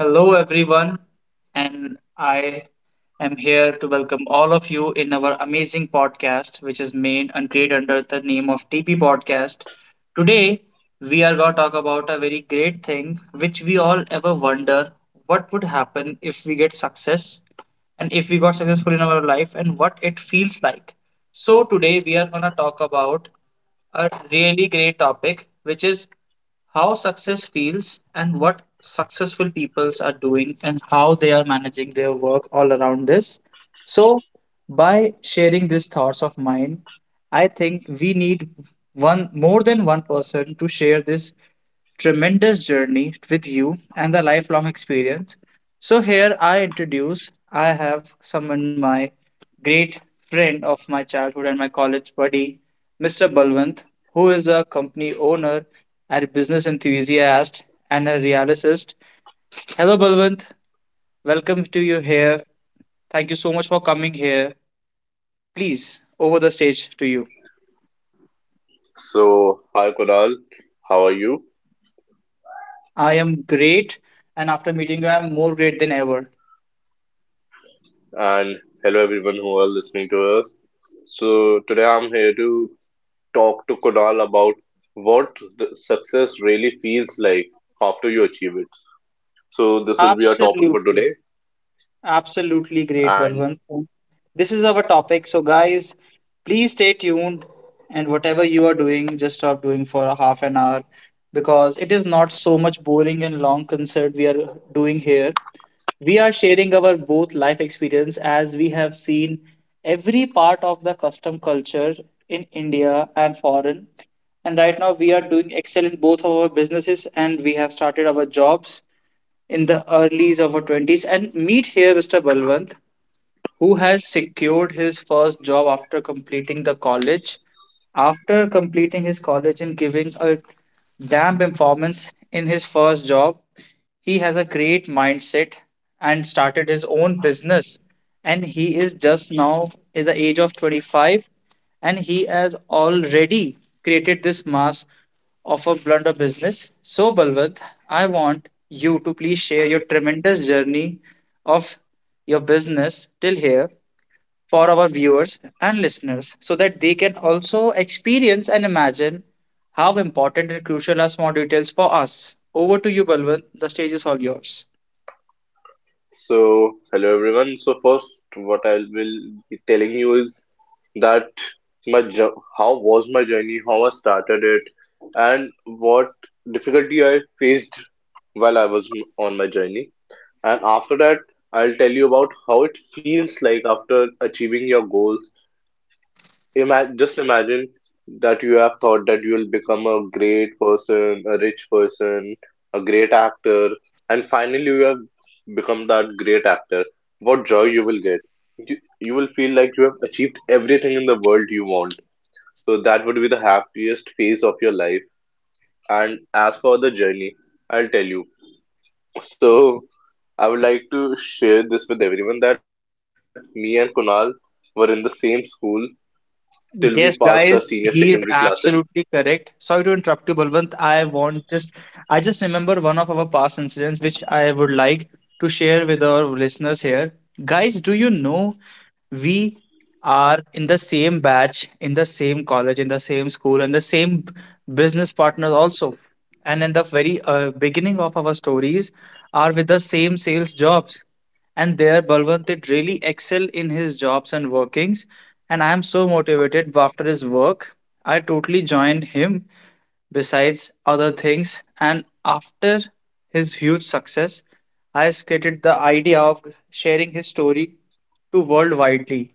Hello, everyone, and I am here to welcome all of you in our amazing podcast, which is made and created under the name of TP Podcast. Today, we are going to talk about a very great thing which we all ever wonder what would happen if we get success and if we got successful in our life and what it feels like. So, today we are going to talk about a really great topic, which is how success feels and what successful peoples are doing and how they are managing their work all around this. So, by sharing these thoughts of mine, I think we need one more than one person to share this tremendous journey with you and the lifelong experience. So here I have summoned my great friend of my childhood and my college buddy, Mr. Balwant, who is a company owner and business enthusiast and a realist. Hello, Balwant. Welcome to you here. Thank you so much for coming here. Please, over the stage to you. So, hi Kunal, how are you? I am great, and after meeting you, I am more great than ever. And hello everyone who are listening to us. So, today I'm here to talk to Kunal about what the success really feels like after you achieve it. So, this will be our topic for Absolutely. today. Absolutely great, And Balwant. This is our topic. So, guys, please stay tuned. And whatever you are doing, just stop doing for a half an hour because it is not so much boring and long concert we are doing here. We are sharing our both life experience as we have seen every part of the custom culture in India and foreign. And right now, we are doing excellent both of our businesses and we have started our jobs in the early of her 20s and meet here Mr. Balwant, who has secured his first job after completing the college. After completing his college and giving a damn performance in his first job, he has a great mindset and started his own business. And he is just now in the age of 25 and he has already created this mass of a blunder business. So, Balwant, I want you to please share your tremendous journey of your business till here for our viewers and listeners so that they can also experience and imagine how important and crucial are small details for us. Over to you, Balwant. The stage is all yours. so, hello everyone. So, first, what I will be telling you is that how was my journey, how I started it, and what difficulty I faced while I was on my journey. And after that, I'll tell you about how it feels like after achieving your goals. Imagine, just imagine that you have thought that you'll become a great person, a rich person, a great actor, and finally you have become that great actor. What joy you will get. You will feel like you have achieved everything in the world you want. So that would be the happiest phase of your life. And as for the journey, I'll tell you. So I would like to share this with everyone that me and Kunal were in the same school till we passed our Yes, senior guys, secondary he is classes. absolutely correct. Sorry to interrupt you, Balwant. I just remember one of our past incidents, which I would like to share with our listeners here. Guys, do you know we are in the same batch, in the same college, in the same school, and the same business partners also. And in the very beginning of our stories, are with the same sales jobs. And there, Balwant did really excel in his jobs and workings. And I am so motivated after his work. I totally joined him besides other things. And after his huge success, I skated the idea of sharing his story to world widely.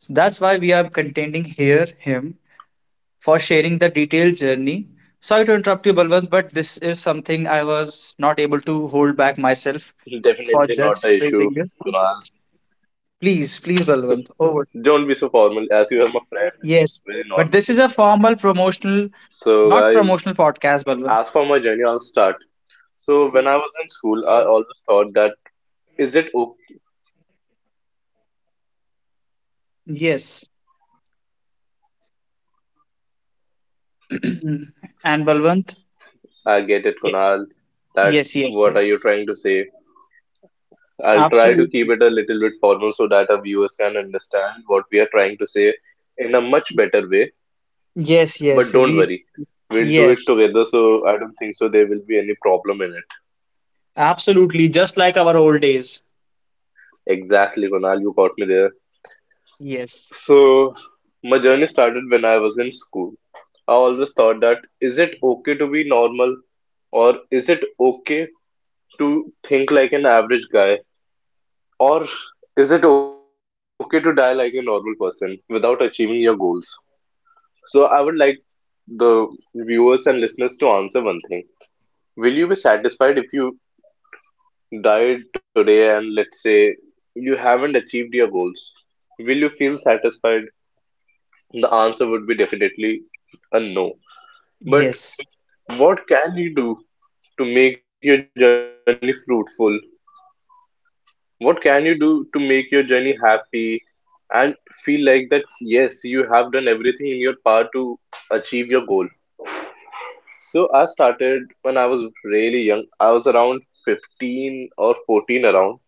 So that's why we are contending here him for sharing the detailed journey. Sorry to interrupt you, Balwant, but this is something I was not able to hold back myself for Definitely not just the issue, praising you. Kunal. Please, please, Don't Balwant. be so Over. formal. As you are my friend, it's very normal. Yes. But this is a formal promotional, So, guys, not promotional podcast, as for Balwant. my journey, I'll start. So, when I was in school, I always thought that is it okay? Yes. And Balwant? I get it, Yes. Kunal. That Yes, yes, what are yes. you trying to say? I'll try to keep Absolutely. it a little bit formal so that our viewers can understand what we are trying to say in a much better way. Yes, But yes. don't We, worry, we'll do it yes. together, so I don't think so there will be any problem in it. Absolutely. Just like our old days. Exactly, Kunal, you caught me there. Yes. So, my journey started when I was in school. I always thought that is it okay to be normal or is it okay to think like an average guy or is it okay to die like a normal person without achieving your goals? So I would like the viewers and listeners to answer one thing. Will you be satisfied if you died today and let's say you haven't achieved your goals, will you feel satisfied? The answer would be definitely a no. But Yes. what can you do to make your journey fruitful? What can you do to make your journey happy and feel like that yes, you have done everything in your power to achieve your goal? So I started when I was really young. I was around 15 or 14 around,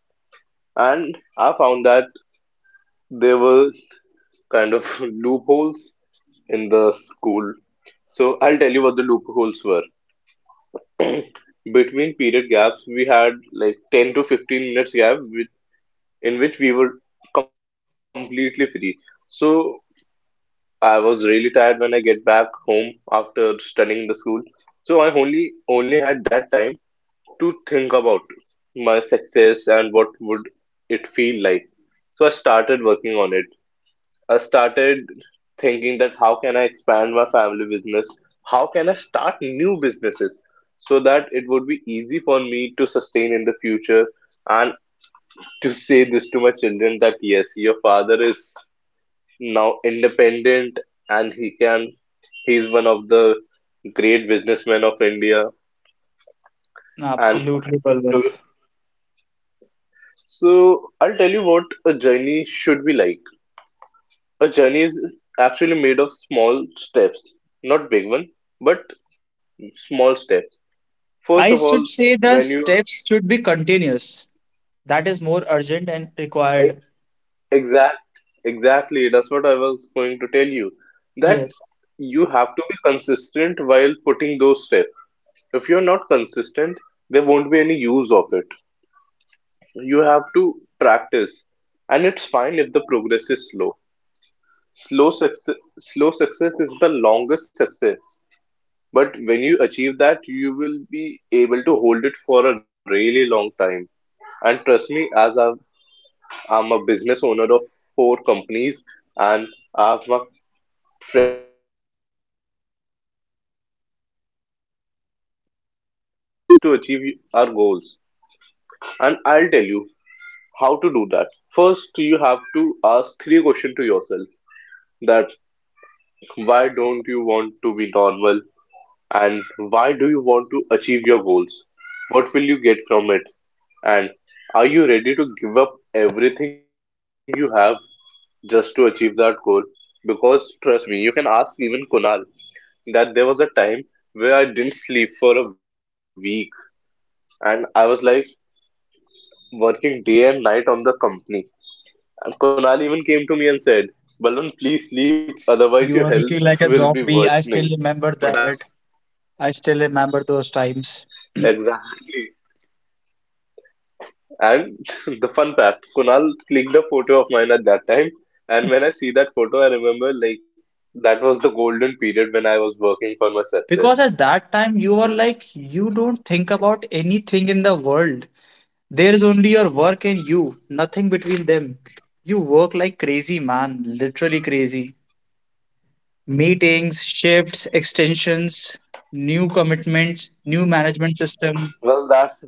and I found that there were kind of loopholes in the school. So I'll tell you what the loopholes were. Between period gaps, we had like 10 to 15 minutes gap with, in which we were completely free. So I was really tired when I get back home after studying in the school. So I only had that time to think about my success and what would it feel like. So I started working on it. I started thinking that how can I expand my family business? How can I start new businesses so that it would be easy for me to sustain in the future and to say this to my children that yes, your father is now independent, and he is one of the great businessmen of India. And Absolutely, Balwant. to- so I'll tell you what a journey should be like. A journey is actually made of small steps, not big one. But small steps. First I of should all, say the when you steps should be continuous. That is more urgent and e- required. exact exactly that's what I was going to tell you, that Yes. you have to be consistent while putting those steps. If you're not consistent, there won't be any use of it. You have to practice, and it's fine if the progress is slow. Slow success is the longest success. But when you achieve that, you will be able to hold it for a really long time. And trust me, as I'm a business owner of four companies, and I have my friend Kunal in partner of two of them. And we know that how it feels to achieve our goals. And I'll tell you how to do that. First, you have to ask three questions to yourself, that why don't you want to be normal and why do you want to achieve your goals? What will you get from it? And are you ready to give up everything you have just to achieve that goal? Because trust me, you can ask even Kunal that there was a time where I didn't sleep for a week and I was like working day and night on the company. And Kunal even came to me and said, Balwant, please sleep, otherwise your You are looking health like will a be zombie. I worsening. still But remember I was that. I still remember those times. exactly. And the fun fact, Kunal clicked a photo of mine at that time. And when I see that photo, I remember like that was the golden period when I was working for my Because success. at that time, you are like, you don't think about anything in the world. There is only your work and you, nothing between them. You work like crazy, man, literally crazy. Meetings, shifts, extensions, new commitments, new management system, Well, that's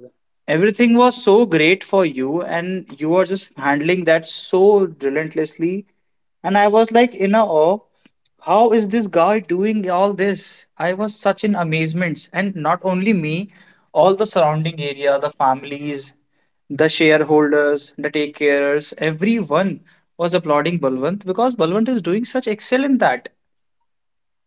everything was so great for you and you were just handling that so relentlessly, and I was like in a awe. How is this guy doing all this? I was such in amazement, and not only me, all the surrounding area, the families, the shareholders, the take carers, everyone was applauding Balwant because Balwant is doing such excel in that.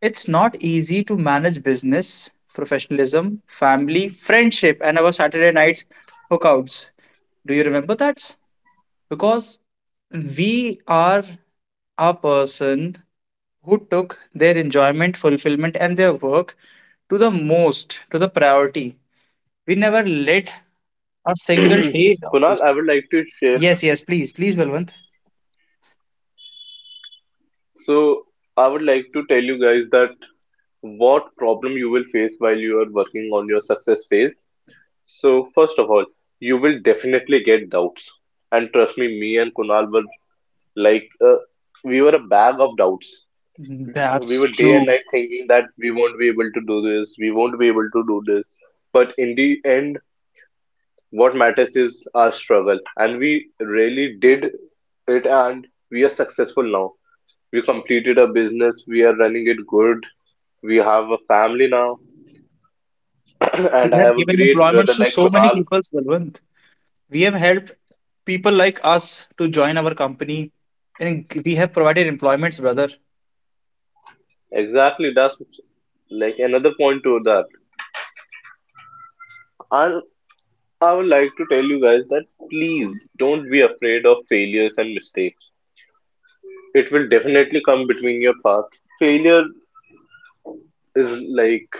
It's not easy to manage business, professionalism, family, friendship, and our Saturday nights hookouts. Do you remember that? Because we are So that's a what I was person telling you about. who That took Kunal their knew enjoyment, that how did I fulfillment, get and the their success work part, to the and most, to it the was really priority. tough, to be We honest, never Kunal. let So a single day of Kunal, this. I would like to share. Yes, yes, please, please, Balwant. So I would like to tell you guys that what problem you will face while you are working on your success phase. So first of all, you will definitely get doubts, and trust me, me and Kunal were like we were a bag of doubts. That's We were true. day and night thinking that we won't be able to do this, we won't be able to do this. But in the end, what matters is our struggle. And we really did it, and we are successful now. We completed a business, we are running it good, we have a family now, We and I have have a given great employment brother to like so many Kunal. people, Balwant. We have helped people like us to join our company and we have provided employments, brother. Exactly, that's like another point to that. And I would like to tell you guys that please don't be afraid of failures and mistakes, it will definitely come between your path. Failure is like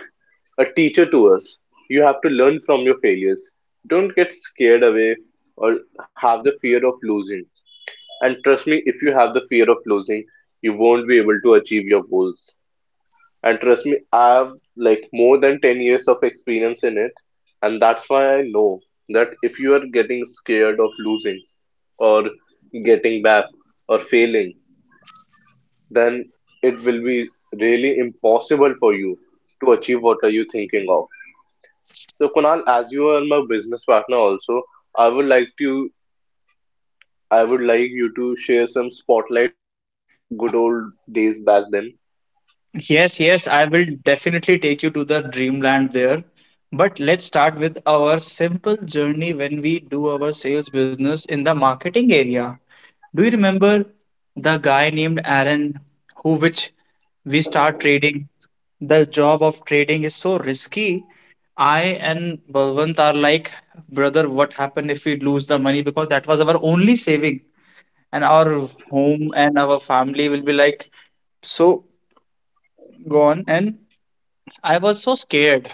a teacher to us. You have to learn from your failures. Don't get scared away or have the fear of losing. And trust me, if you have the fear of losing, you won't be able to achieve your goals. And trust me, I have like more than 10 years of experience in it. And that's why I know that if you are getting scared of losing or getting back or failing, then it will be really impossible for you to achieve what are you thinking of. So Kunal, as you are my business partner also, I would like to I would like you to share some spotlight on our good old days back then. Yes, yes, I will definitely take you to the dreamland there. But let's start with our simple journey when we do our sales business in the marketing area. Do you remember the guy named Aaron who which we start trading? The job of trading is so risky. I and Balwant are like, brother, what happened if we lose the money? Because that was our only saving, and our home and our family will be like so gone. And I was so scared.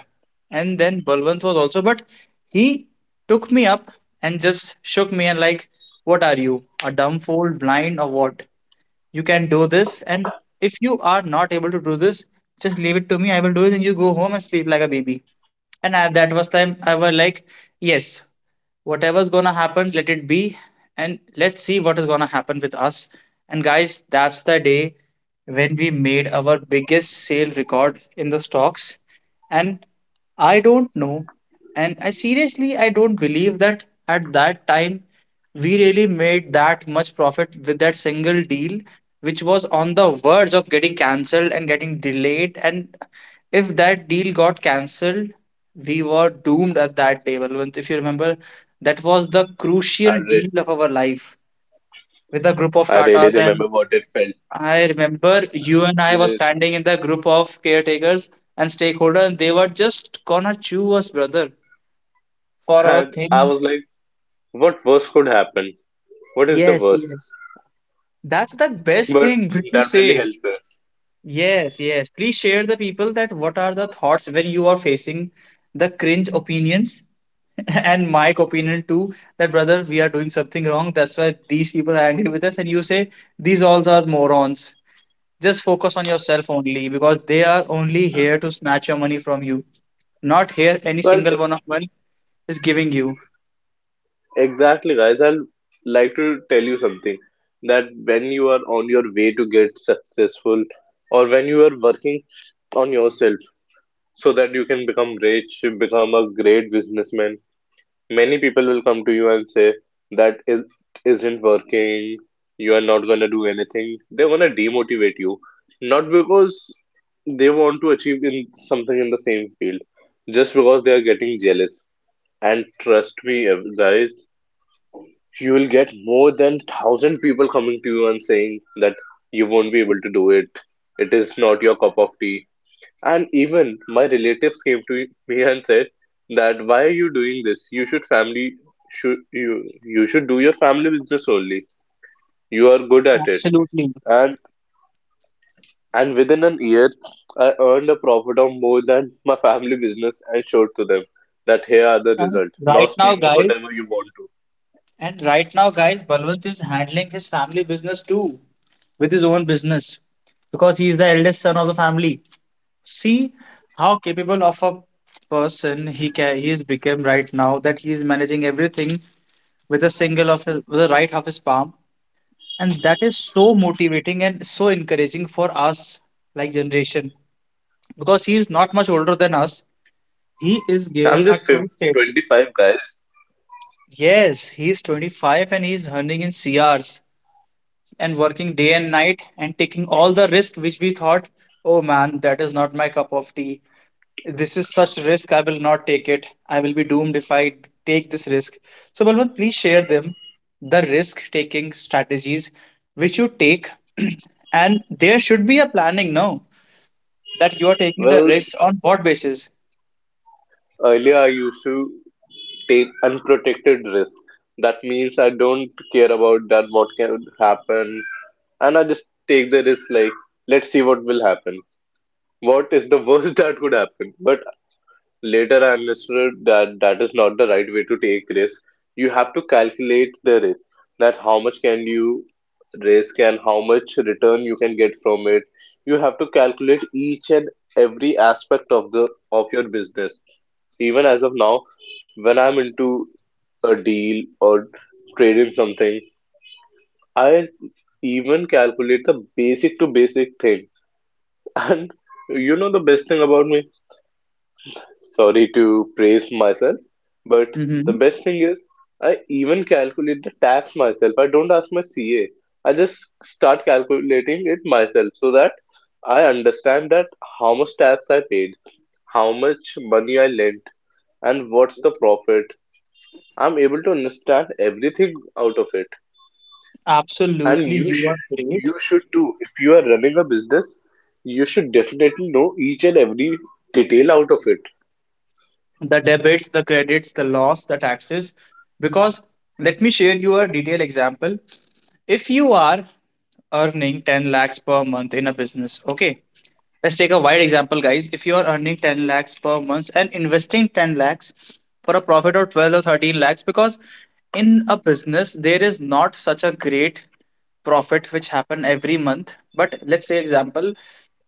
And then Balwant was also, but he took me up and just shook me and like, what are you, a dumb fool, blind or what? You can do this, and if you are not able to do this, just leave it to me. I will do it and you go home and sleep like a baby. And at that was time I was like, yes, whatever's gonna happen, let it be, and let's see what is gonna happen with us. And guys, that's the day when we made our biggest sale record in the stocks. And I don't know, and I don't believe that at that time we really made that much profit with that single deal, which was on the verge of getting cancelled and getting delayed. And if that deal got cancelled, we were doomed at that day, Balwant. If you remember, that was the I crucial re- deal of our life with a I group of really Tatas. remember And what it felt. I remember you and I Yes. were standing in the group of caretakers and stakeholder, and they were just gonna chew us, brother, for our And I thing. was like, what worst could happen? What is the Yes, worst? yes. That's the best But thing which you that really say. helped us. Yes, yes. Please share the people that what are the thoughts when you are facing the cringe opinions and my opinion too, that brother, we are doing something wrong. That's why these people are angry with us. And you say, these all are morons. Just focus on yourself only because they are only here to snatch your money from you. Not here any Well, single one of them is giving you. exactly, guys. I'd like to tell you something, that when you are on your way to get successful, or when you are working on yourself so that you can become rich, become a great businessman, many people will come to you and say that it isn't working, you are not gonna do anything. They're gonna demotivate you, not because they want to achieve in something in the same field, just because they are getting jealous. And trust me, guys, you will get more than 1,000 people coming to you and saying that you won't be able to do it, it is not your cup of tea. And even my relatives came to me and said that why are you doing this, you should do your family business only, you are good at it. Absolutely. and and within an year, I earned a profit of more than my family business and showed to them that here are the And result, now right now, speak guys, whatever you want to. And right now, guys, Balwant is handling his family business too with his own business because he is the eldest son of the family. See how capable of a person he is become right now that he is managing everything with a single of his, with the right of his palm, and that is so motivating and so encouraging for us like generation because he is not much older than us. He is I'm given a just 5 true state. 25, guys. Yes, he is 25 and he is earning in CRs and working day and night and taking all the risk which we thought, oh man, that is not my cup of tea. This is such risk, I will not take it. I will be doomed if I take this risk. So, Balwant, please share them the risk taking strategies which you take, and there should be a planning now that you are taking the well risks on what basis. Earlier, I used to take unprotected risk. That means I don't care about that what can happen, and I just take the risk. Like, let's see what will happen. What is the worst that could happen? But later, I understood that that is not the right way to take risk. You have to calculate the risk. That how much can you risk and how much return you can get from it. You have to calculate each and every aspect of the of your business, even as of now, when I'm into a deal or trading something, I even calculate the basic to basic thing. And you know the best thing about me? Sorry to praise myself, but the Hmm. best thing is, I even calculate the tax myself. I don't ask my CA. I just start calculating it myself so that I understand that how much tax I paid, how much money I lent, and what's the profit. I'm able to understand everything out of it. And Absolutely, you are great. you should too. If you are running a business, you should definitely know each and every detail out of it. The debits, the credits, the loss, the taxes. Because let me share you a detailed example. If you are earning 10 lakhs per month in a business, okay, let's take a wide example, guys. If you are earning 10 lakhs per month and investing 10 lakhs for a profit of 12 or 13 lakhs, because in a business, there is not such a great profit which happen every month. But let's say example,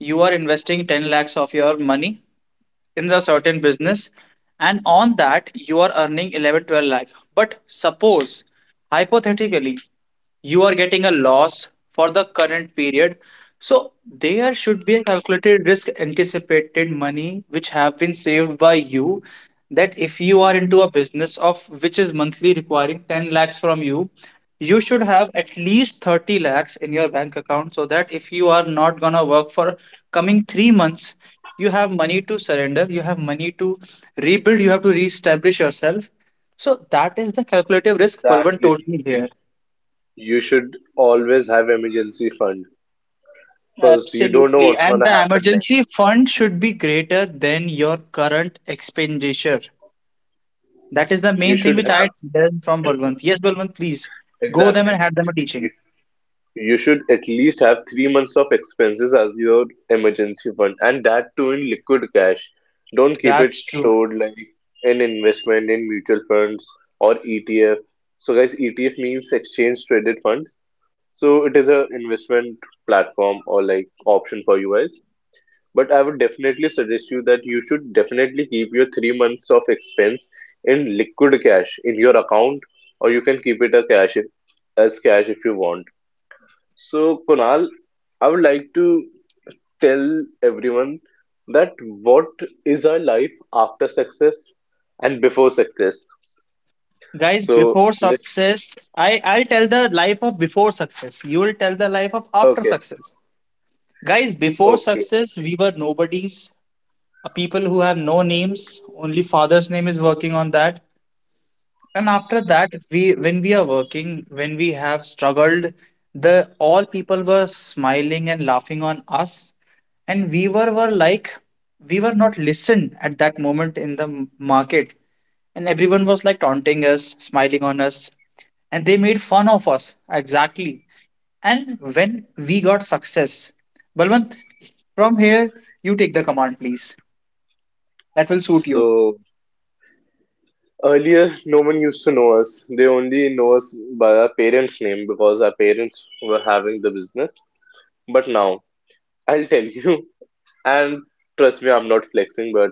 you are investing 10 lakhs of your money in a certain business and on that you are earning 11, 12 lakh, but suppose hypothetically you are getting a loss for the current period. So there should be a calculated risk anticipated money which have been saved by you that if you are into a business of which is monthly requiring 10 lakhs from you, you should have at least 30 lakhs in your bank account so that if you are not gonna work for coming 3 months, you have money to surrender, you have money to rebuild, you have to reestablish yourself. So that is the calculative risk Palvan told Exactly. me here. You should always have emergency fund because you don't know Absolutely. what's And gonna the happen emergency next. fund should be greater than your current expenditure. That is the You main thing should which I have. had learned from Balwant. Yes, Balwant, please go them and Exactly. have them a teaching. You should at least have 3 months of expenses as your emergency fund, and that too in liquid cash. Don't keep it That's true. stored like an investment in mutual funds or ETF. So, guys, ETF means exchange traded funds. So, it is an investment platform or like option for you guys. But I would definitely suggest you that you should definitely keep your 3 months of expense in liquid cash in your account, or you can keep it a cash as cash if you want. So, Kunal, I would like to tell everyone that what is our life after success and before success. Guys, So, before let's. success, I'll tell the life of before success. You will tell the life of after Okay, success. Guys, before okay. success, we were nobodies, people who have no names. Only father's name is working on that. And after that, we when we are working, when we have struggled, the all people were smiling and laughing on us, and we were like we were not listened at that moment in the market, and everyone was like taunting us, smiling on us, and they made fun of us, exactly. And when we got success, Balwant, from here, you take the command, please. That will suit you. So, earlier, no one used to know us. They only know us by our parents' name because our parents were having the business. But now, I'll tell you, and trust me, I'm not flexing, but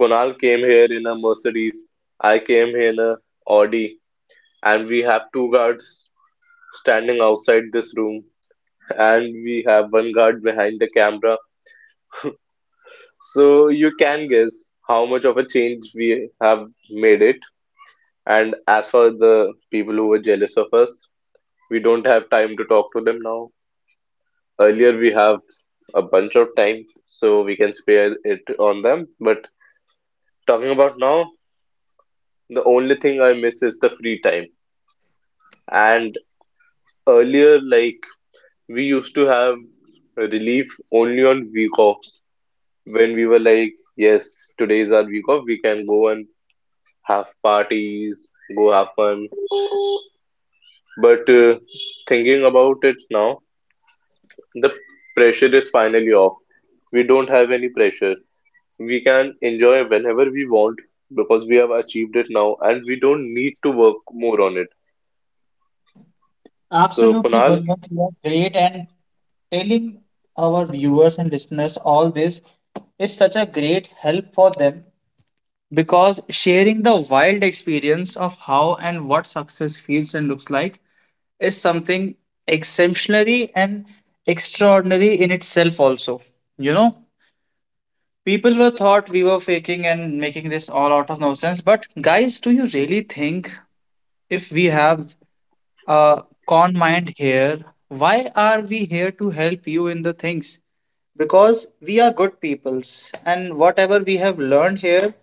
Kunal came here in a Mercedes. I came here in a Audi and we have two guards standing outside this room, and we have one guard behind the camera. So you can guess how much of a change we have made it. And as for the people who were jealous of us, we don't have time to talk to them now. Earlier, we have a bunch of time, so we can spare it on them. But talking about now, the only thing I miss is the free time. And earlier, like, we used to have relief only on week offs when we were like, yes, today is our week off, we can go and have parties, go have fun. But thinking about it now, the pressure is finally off. We don't have any pressure. We can enjoy whenever we want because we have achieved it now and we don't need to work more on it. So, Absolutely, Kunal, Balwant, you are great. And telling our viewers and listeners all this is such a great help for them, because sharing the wild experience of how and what success feels and looks like is something exemplary and extraordinary in itself, also. You know, people were thought we were faking and making this all out of nonsense, but guys, do you really think if we have uh, con mind here? Why are we here to help you in the things? Because we are good peoples, and whatever we have learned here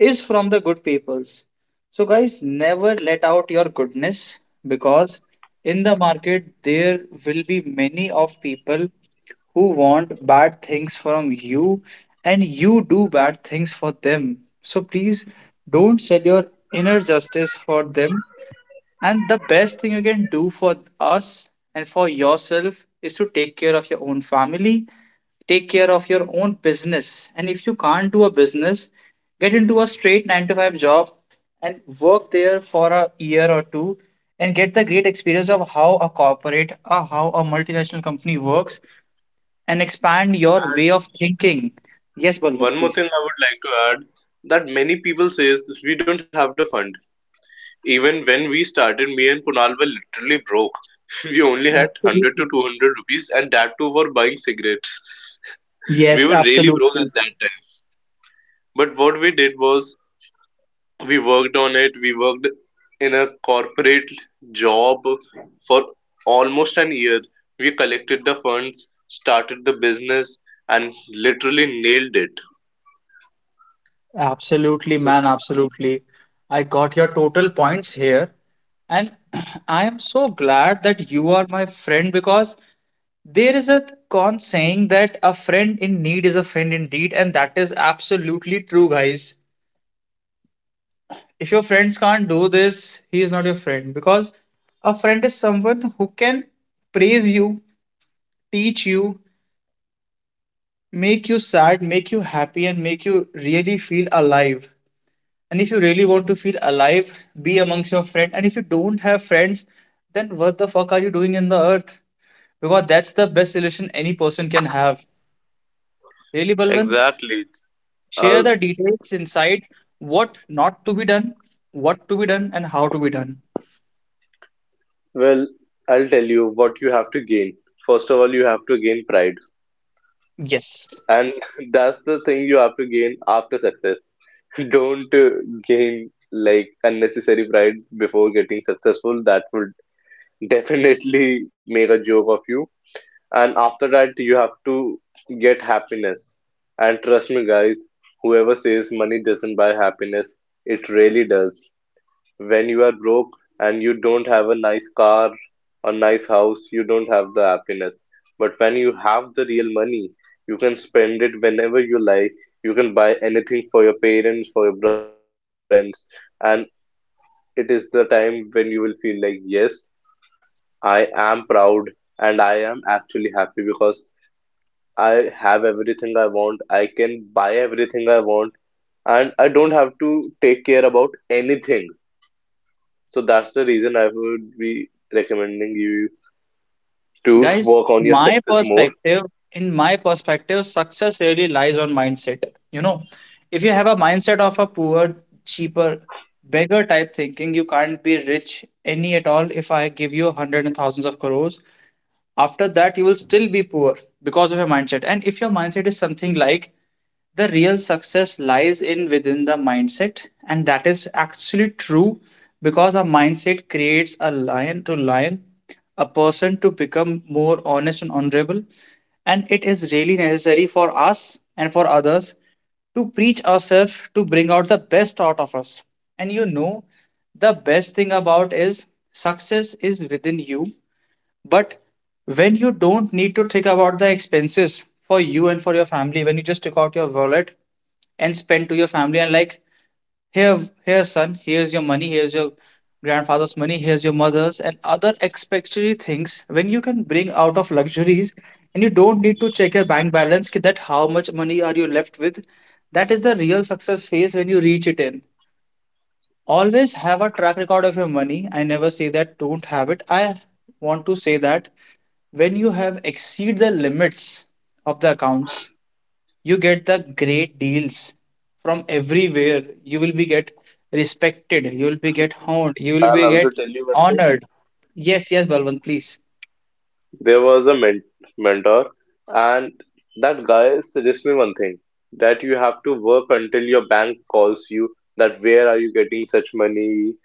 is from the good peoples. So, guys, never let out your goodness, because in the market there will be many of people who want bad things from you and you do bad things for them. So, please don't sell your inner justice for them. And the best thing you can do for us and for yourself is to take care of your own family, take care of your own business. And if you can't do a business, get into a straight 9 to 5 job and work there for a year or two and get the great experience of how a corporate or how a multinational company works, and expand your and way of thinking. Yes, one Balwant, more thing please. I would like to add that many people says we don't have the fund. Even when we started, me and Kunal were literally broke. We only had 100 to Absolutely. 200 rupees, and that too for buying cigarettes. We Yes, were really broke absolutely. at that time. But what we did was we worked on it. We worked in a corporate job for almost an year. We collected the funds, started the business, and literally nailed it. Absolutely, So man, absolutely. I got your total points here. And I am so glad that you are my friend, because there is a con saying that a friend in need is a friend indeed, and that is absolutely true, guys. If your friends can't do this, he is not your friend, because a friend is someone who can praise you, teach you, make you sad, make you happy, and make you really feel alive. And if you really want to feel alive, be amongst your friends. And if you don't have friends, then what the fuck are you doing in the earth? Because that's the best solution any person can have. Really, Balwant, exactly. share I'll, the details inside, what not to be done, what to be done, and how to be done. well, I'll tell you what you have to gain. First of all, you have to gain pride. Yes. And that's the thing you have to gain after success. Don't gain like unnecessary pride before getting successful that would definitely make a joke of you. And after that you have to get happiness. And trust me guys, whoever says money doesn't buy happiness, it really does. When you are broke and you don't have a nice car or nice house, you don't have the happiness. But when you have the real money, you can spend it whenever you like. You can buy anything for your parents, for your brother, for your friends. And it is the time when you will feel like, yes, I am proud and I am actually happy, because I have everything I want, I can buy everything I want, and I don't have to take care about anything. So that's the reason I would be recommending you to Guys, work on your my success more. perspective, in my perspective, success really lies on mindset. You know, if you have a mindset of a poor, cheaper, beggar type thinking, you can't be rich any at all. If I give you hundred and thousands of crores, after that you will still be poor because of your mindset. And if your mindset is something like, the real success lies in within the mindset, and that is actually true, because our mindset creates a lion to lion, a person to become more honest and honorable. And it is really necessary for us and for others to preach ourselves, to bring out the best out of us. And you know, the best thing about is success is within you. But when you don't need to think about the expenses for you and for your family, when you just take out your wallet and spend to your family and like, here, here, son, here's your money, here's your grandfather's money, here's your mother's and other expectory things, when you can bring out of luxuries and you don't need to check your bank balance ki that how much money are you left with, that is the real success phase when you reach it in. Always have a track record of your money. I never say that don't have it. I want to say that when you have exceed the limits of the accounts, you get the great deals from everywhere. You will be get respected, you will be get honed, you will I'll be also get tell you one thing. honored. Yes, yes, Balwant, please. There was a mentor, and that guy suggested me one thing that you have to work until your bank calls you that where are you getting such money?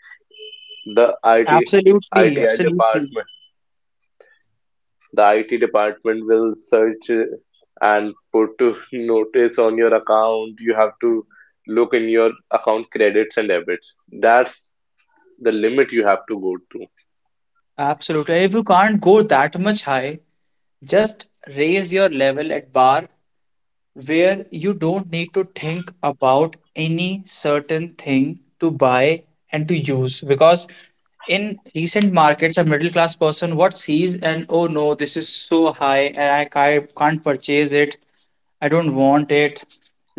The IT Absolutely, ITI absolutely. department, the IT department will search and put to notice on your account. You have to look in your account credits and debits. That's the limit you have to go to. Absolutely. And if you can't go that much high, just raise your level at bar where you don't need to think about any certain thing to buy and to use, because in recent markets a middle class person what sees and, oh no, this is so high and I can't purchase it, I don't want it,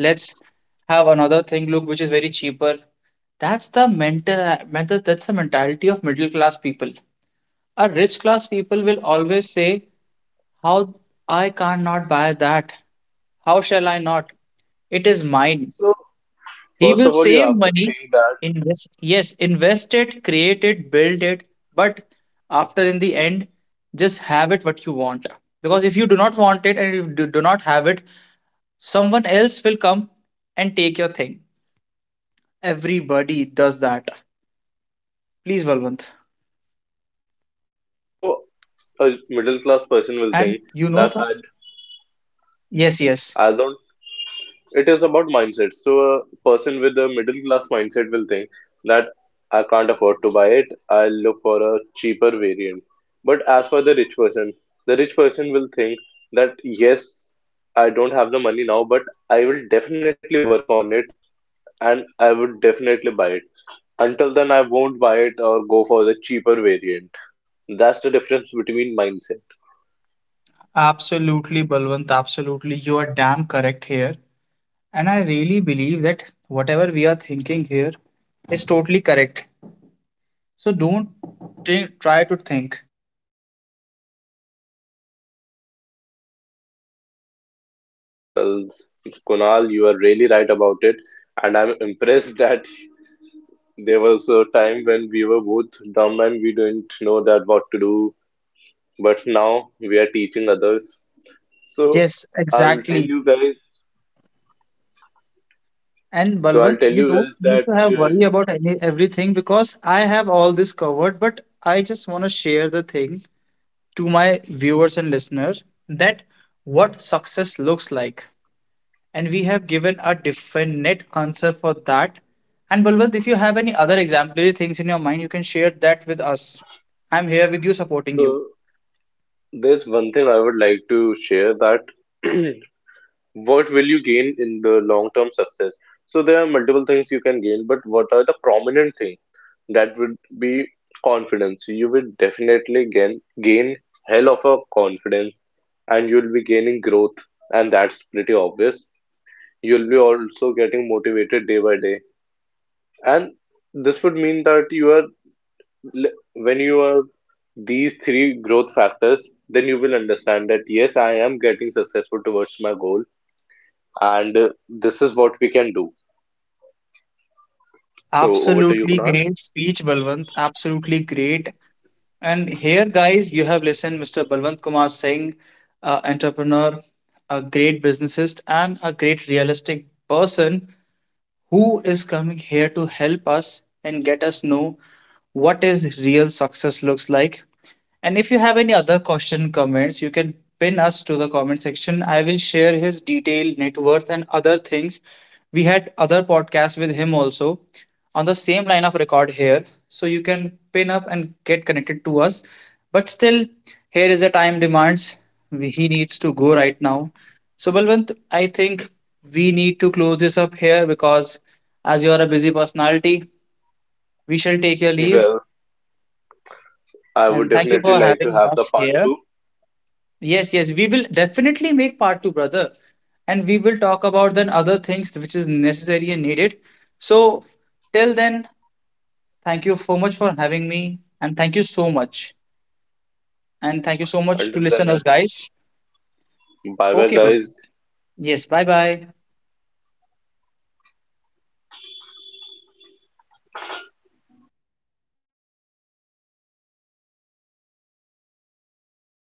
let's have another thing look which is very cheaper. That's the mental that's the mentality of middle class people. A rich class people will always say, how I can not buy that? How shall I not? It is mine. So He first will of all, you save have to money, think that. invest, yes, invest it, create it, build it, but after in the end, just have it what you want. Because if you do not want it and if you do not have it, someone else will come and take your thing. Everybody does that. Please, Balwant. So a middle class And person you will know think that? that I Yes, yes. I don't. It is about mindset. So a person with a middle class mindset will think that I can't afford to buy it. I'll look for a cheaper variant. But as for the rich person will think that yes, I don't have the money now, but I will definitely work on it and I would definitely buy it. Until then, I won't buy it or go for the cheaper variant. That's the difference between mindset. Absolutely, Balwant. Absolutely. You are damn correct here. And I really believe that whatever we are thinking here is totally correct. So don't try to think. Well, Kunal, you are really right about it, and I'm impressed that there was a time when we were both dumb and we didn't know that what to do, but now we are teaching others. So Yes, I'll tell exactly. you guys. And So I'll Balwant, tell you you don't guys need that. to have Uh, worry about any everything, because I have all this covered, but I just want to share the thing to my viewers and listeners that what success looks like. And we have given a definite answer for that. And Balwant, if you have any other exemplary things in your mind, you can share that with us. I'm here with you, supporting you. so there's one thing I would like to share that what will you gain in the long term success? So there are multiple things you can gain, but what are the prominent things? That would be confidence. So you will definitely gain hell of a confidence, and you'll be gaining growth, and that's pretty obvious. You'll be also getting motivated day by day, and this would mean that you are when you are these three growth factors, then you will understand that yes, I am getting successful towards my goal, and this is what we can do. So over to you, Absolutely Kunal. great speech, Balwant. Absolutely great. And here, guys, you have listened Mr. Balwant Kumar Singh, entrepreneur, a great businessist, and a great realistic person who is coming here to help us and get us know what is real success looks like. And if you have any other question comments, you can pin us to the comment section. I will share his detailed net worth and other things. We had other podcasts with him also on the same line of record here. So you can pin up and get connected to us. But still, here is the time demands. He needs to go right now. So, Balwant, I think we need to close this up here because as you are a busy personality, we shall take your leave Well, I would and thank you definitely for like to having have the us part here. two. Yes, yes, we will definitely make part two, brother, and we will talk about then other things which is necessary and needed. So, till then, thank you so much for having me and thank you so much. And thank you so much to Until listen us then, guys. bye bye, Okay, Balwant. guys. Yes, bye bye.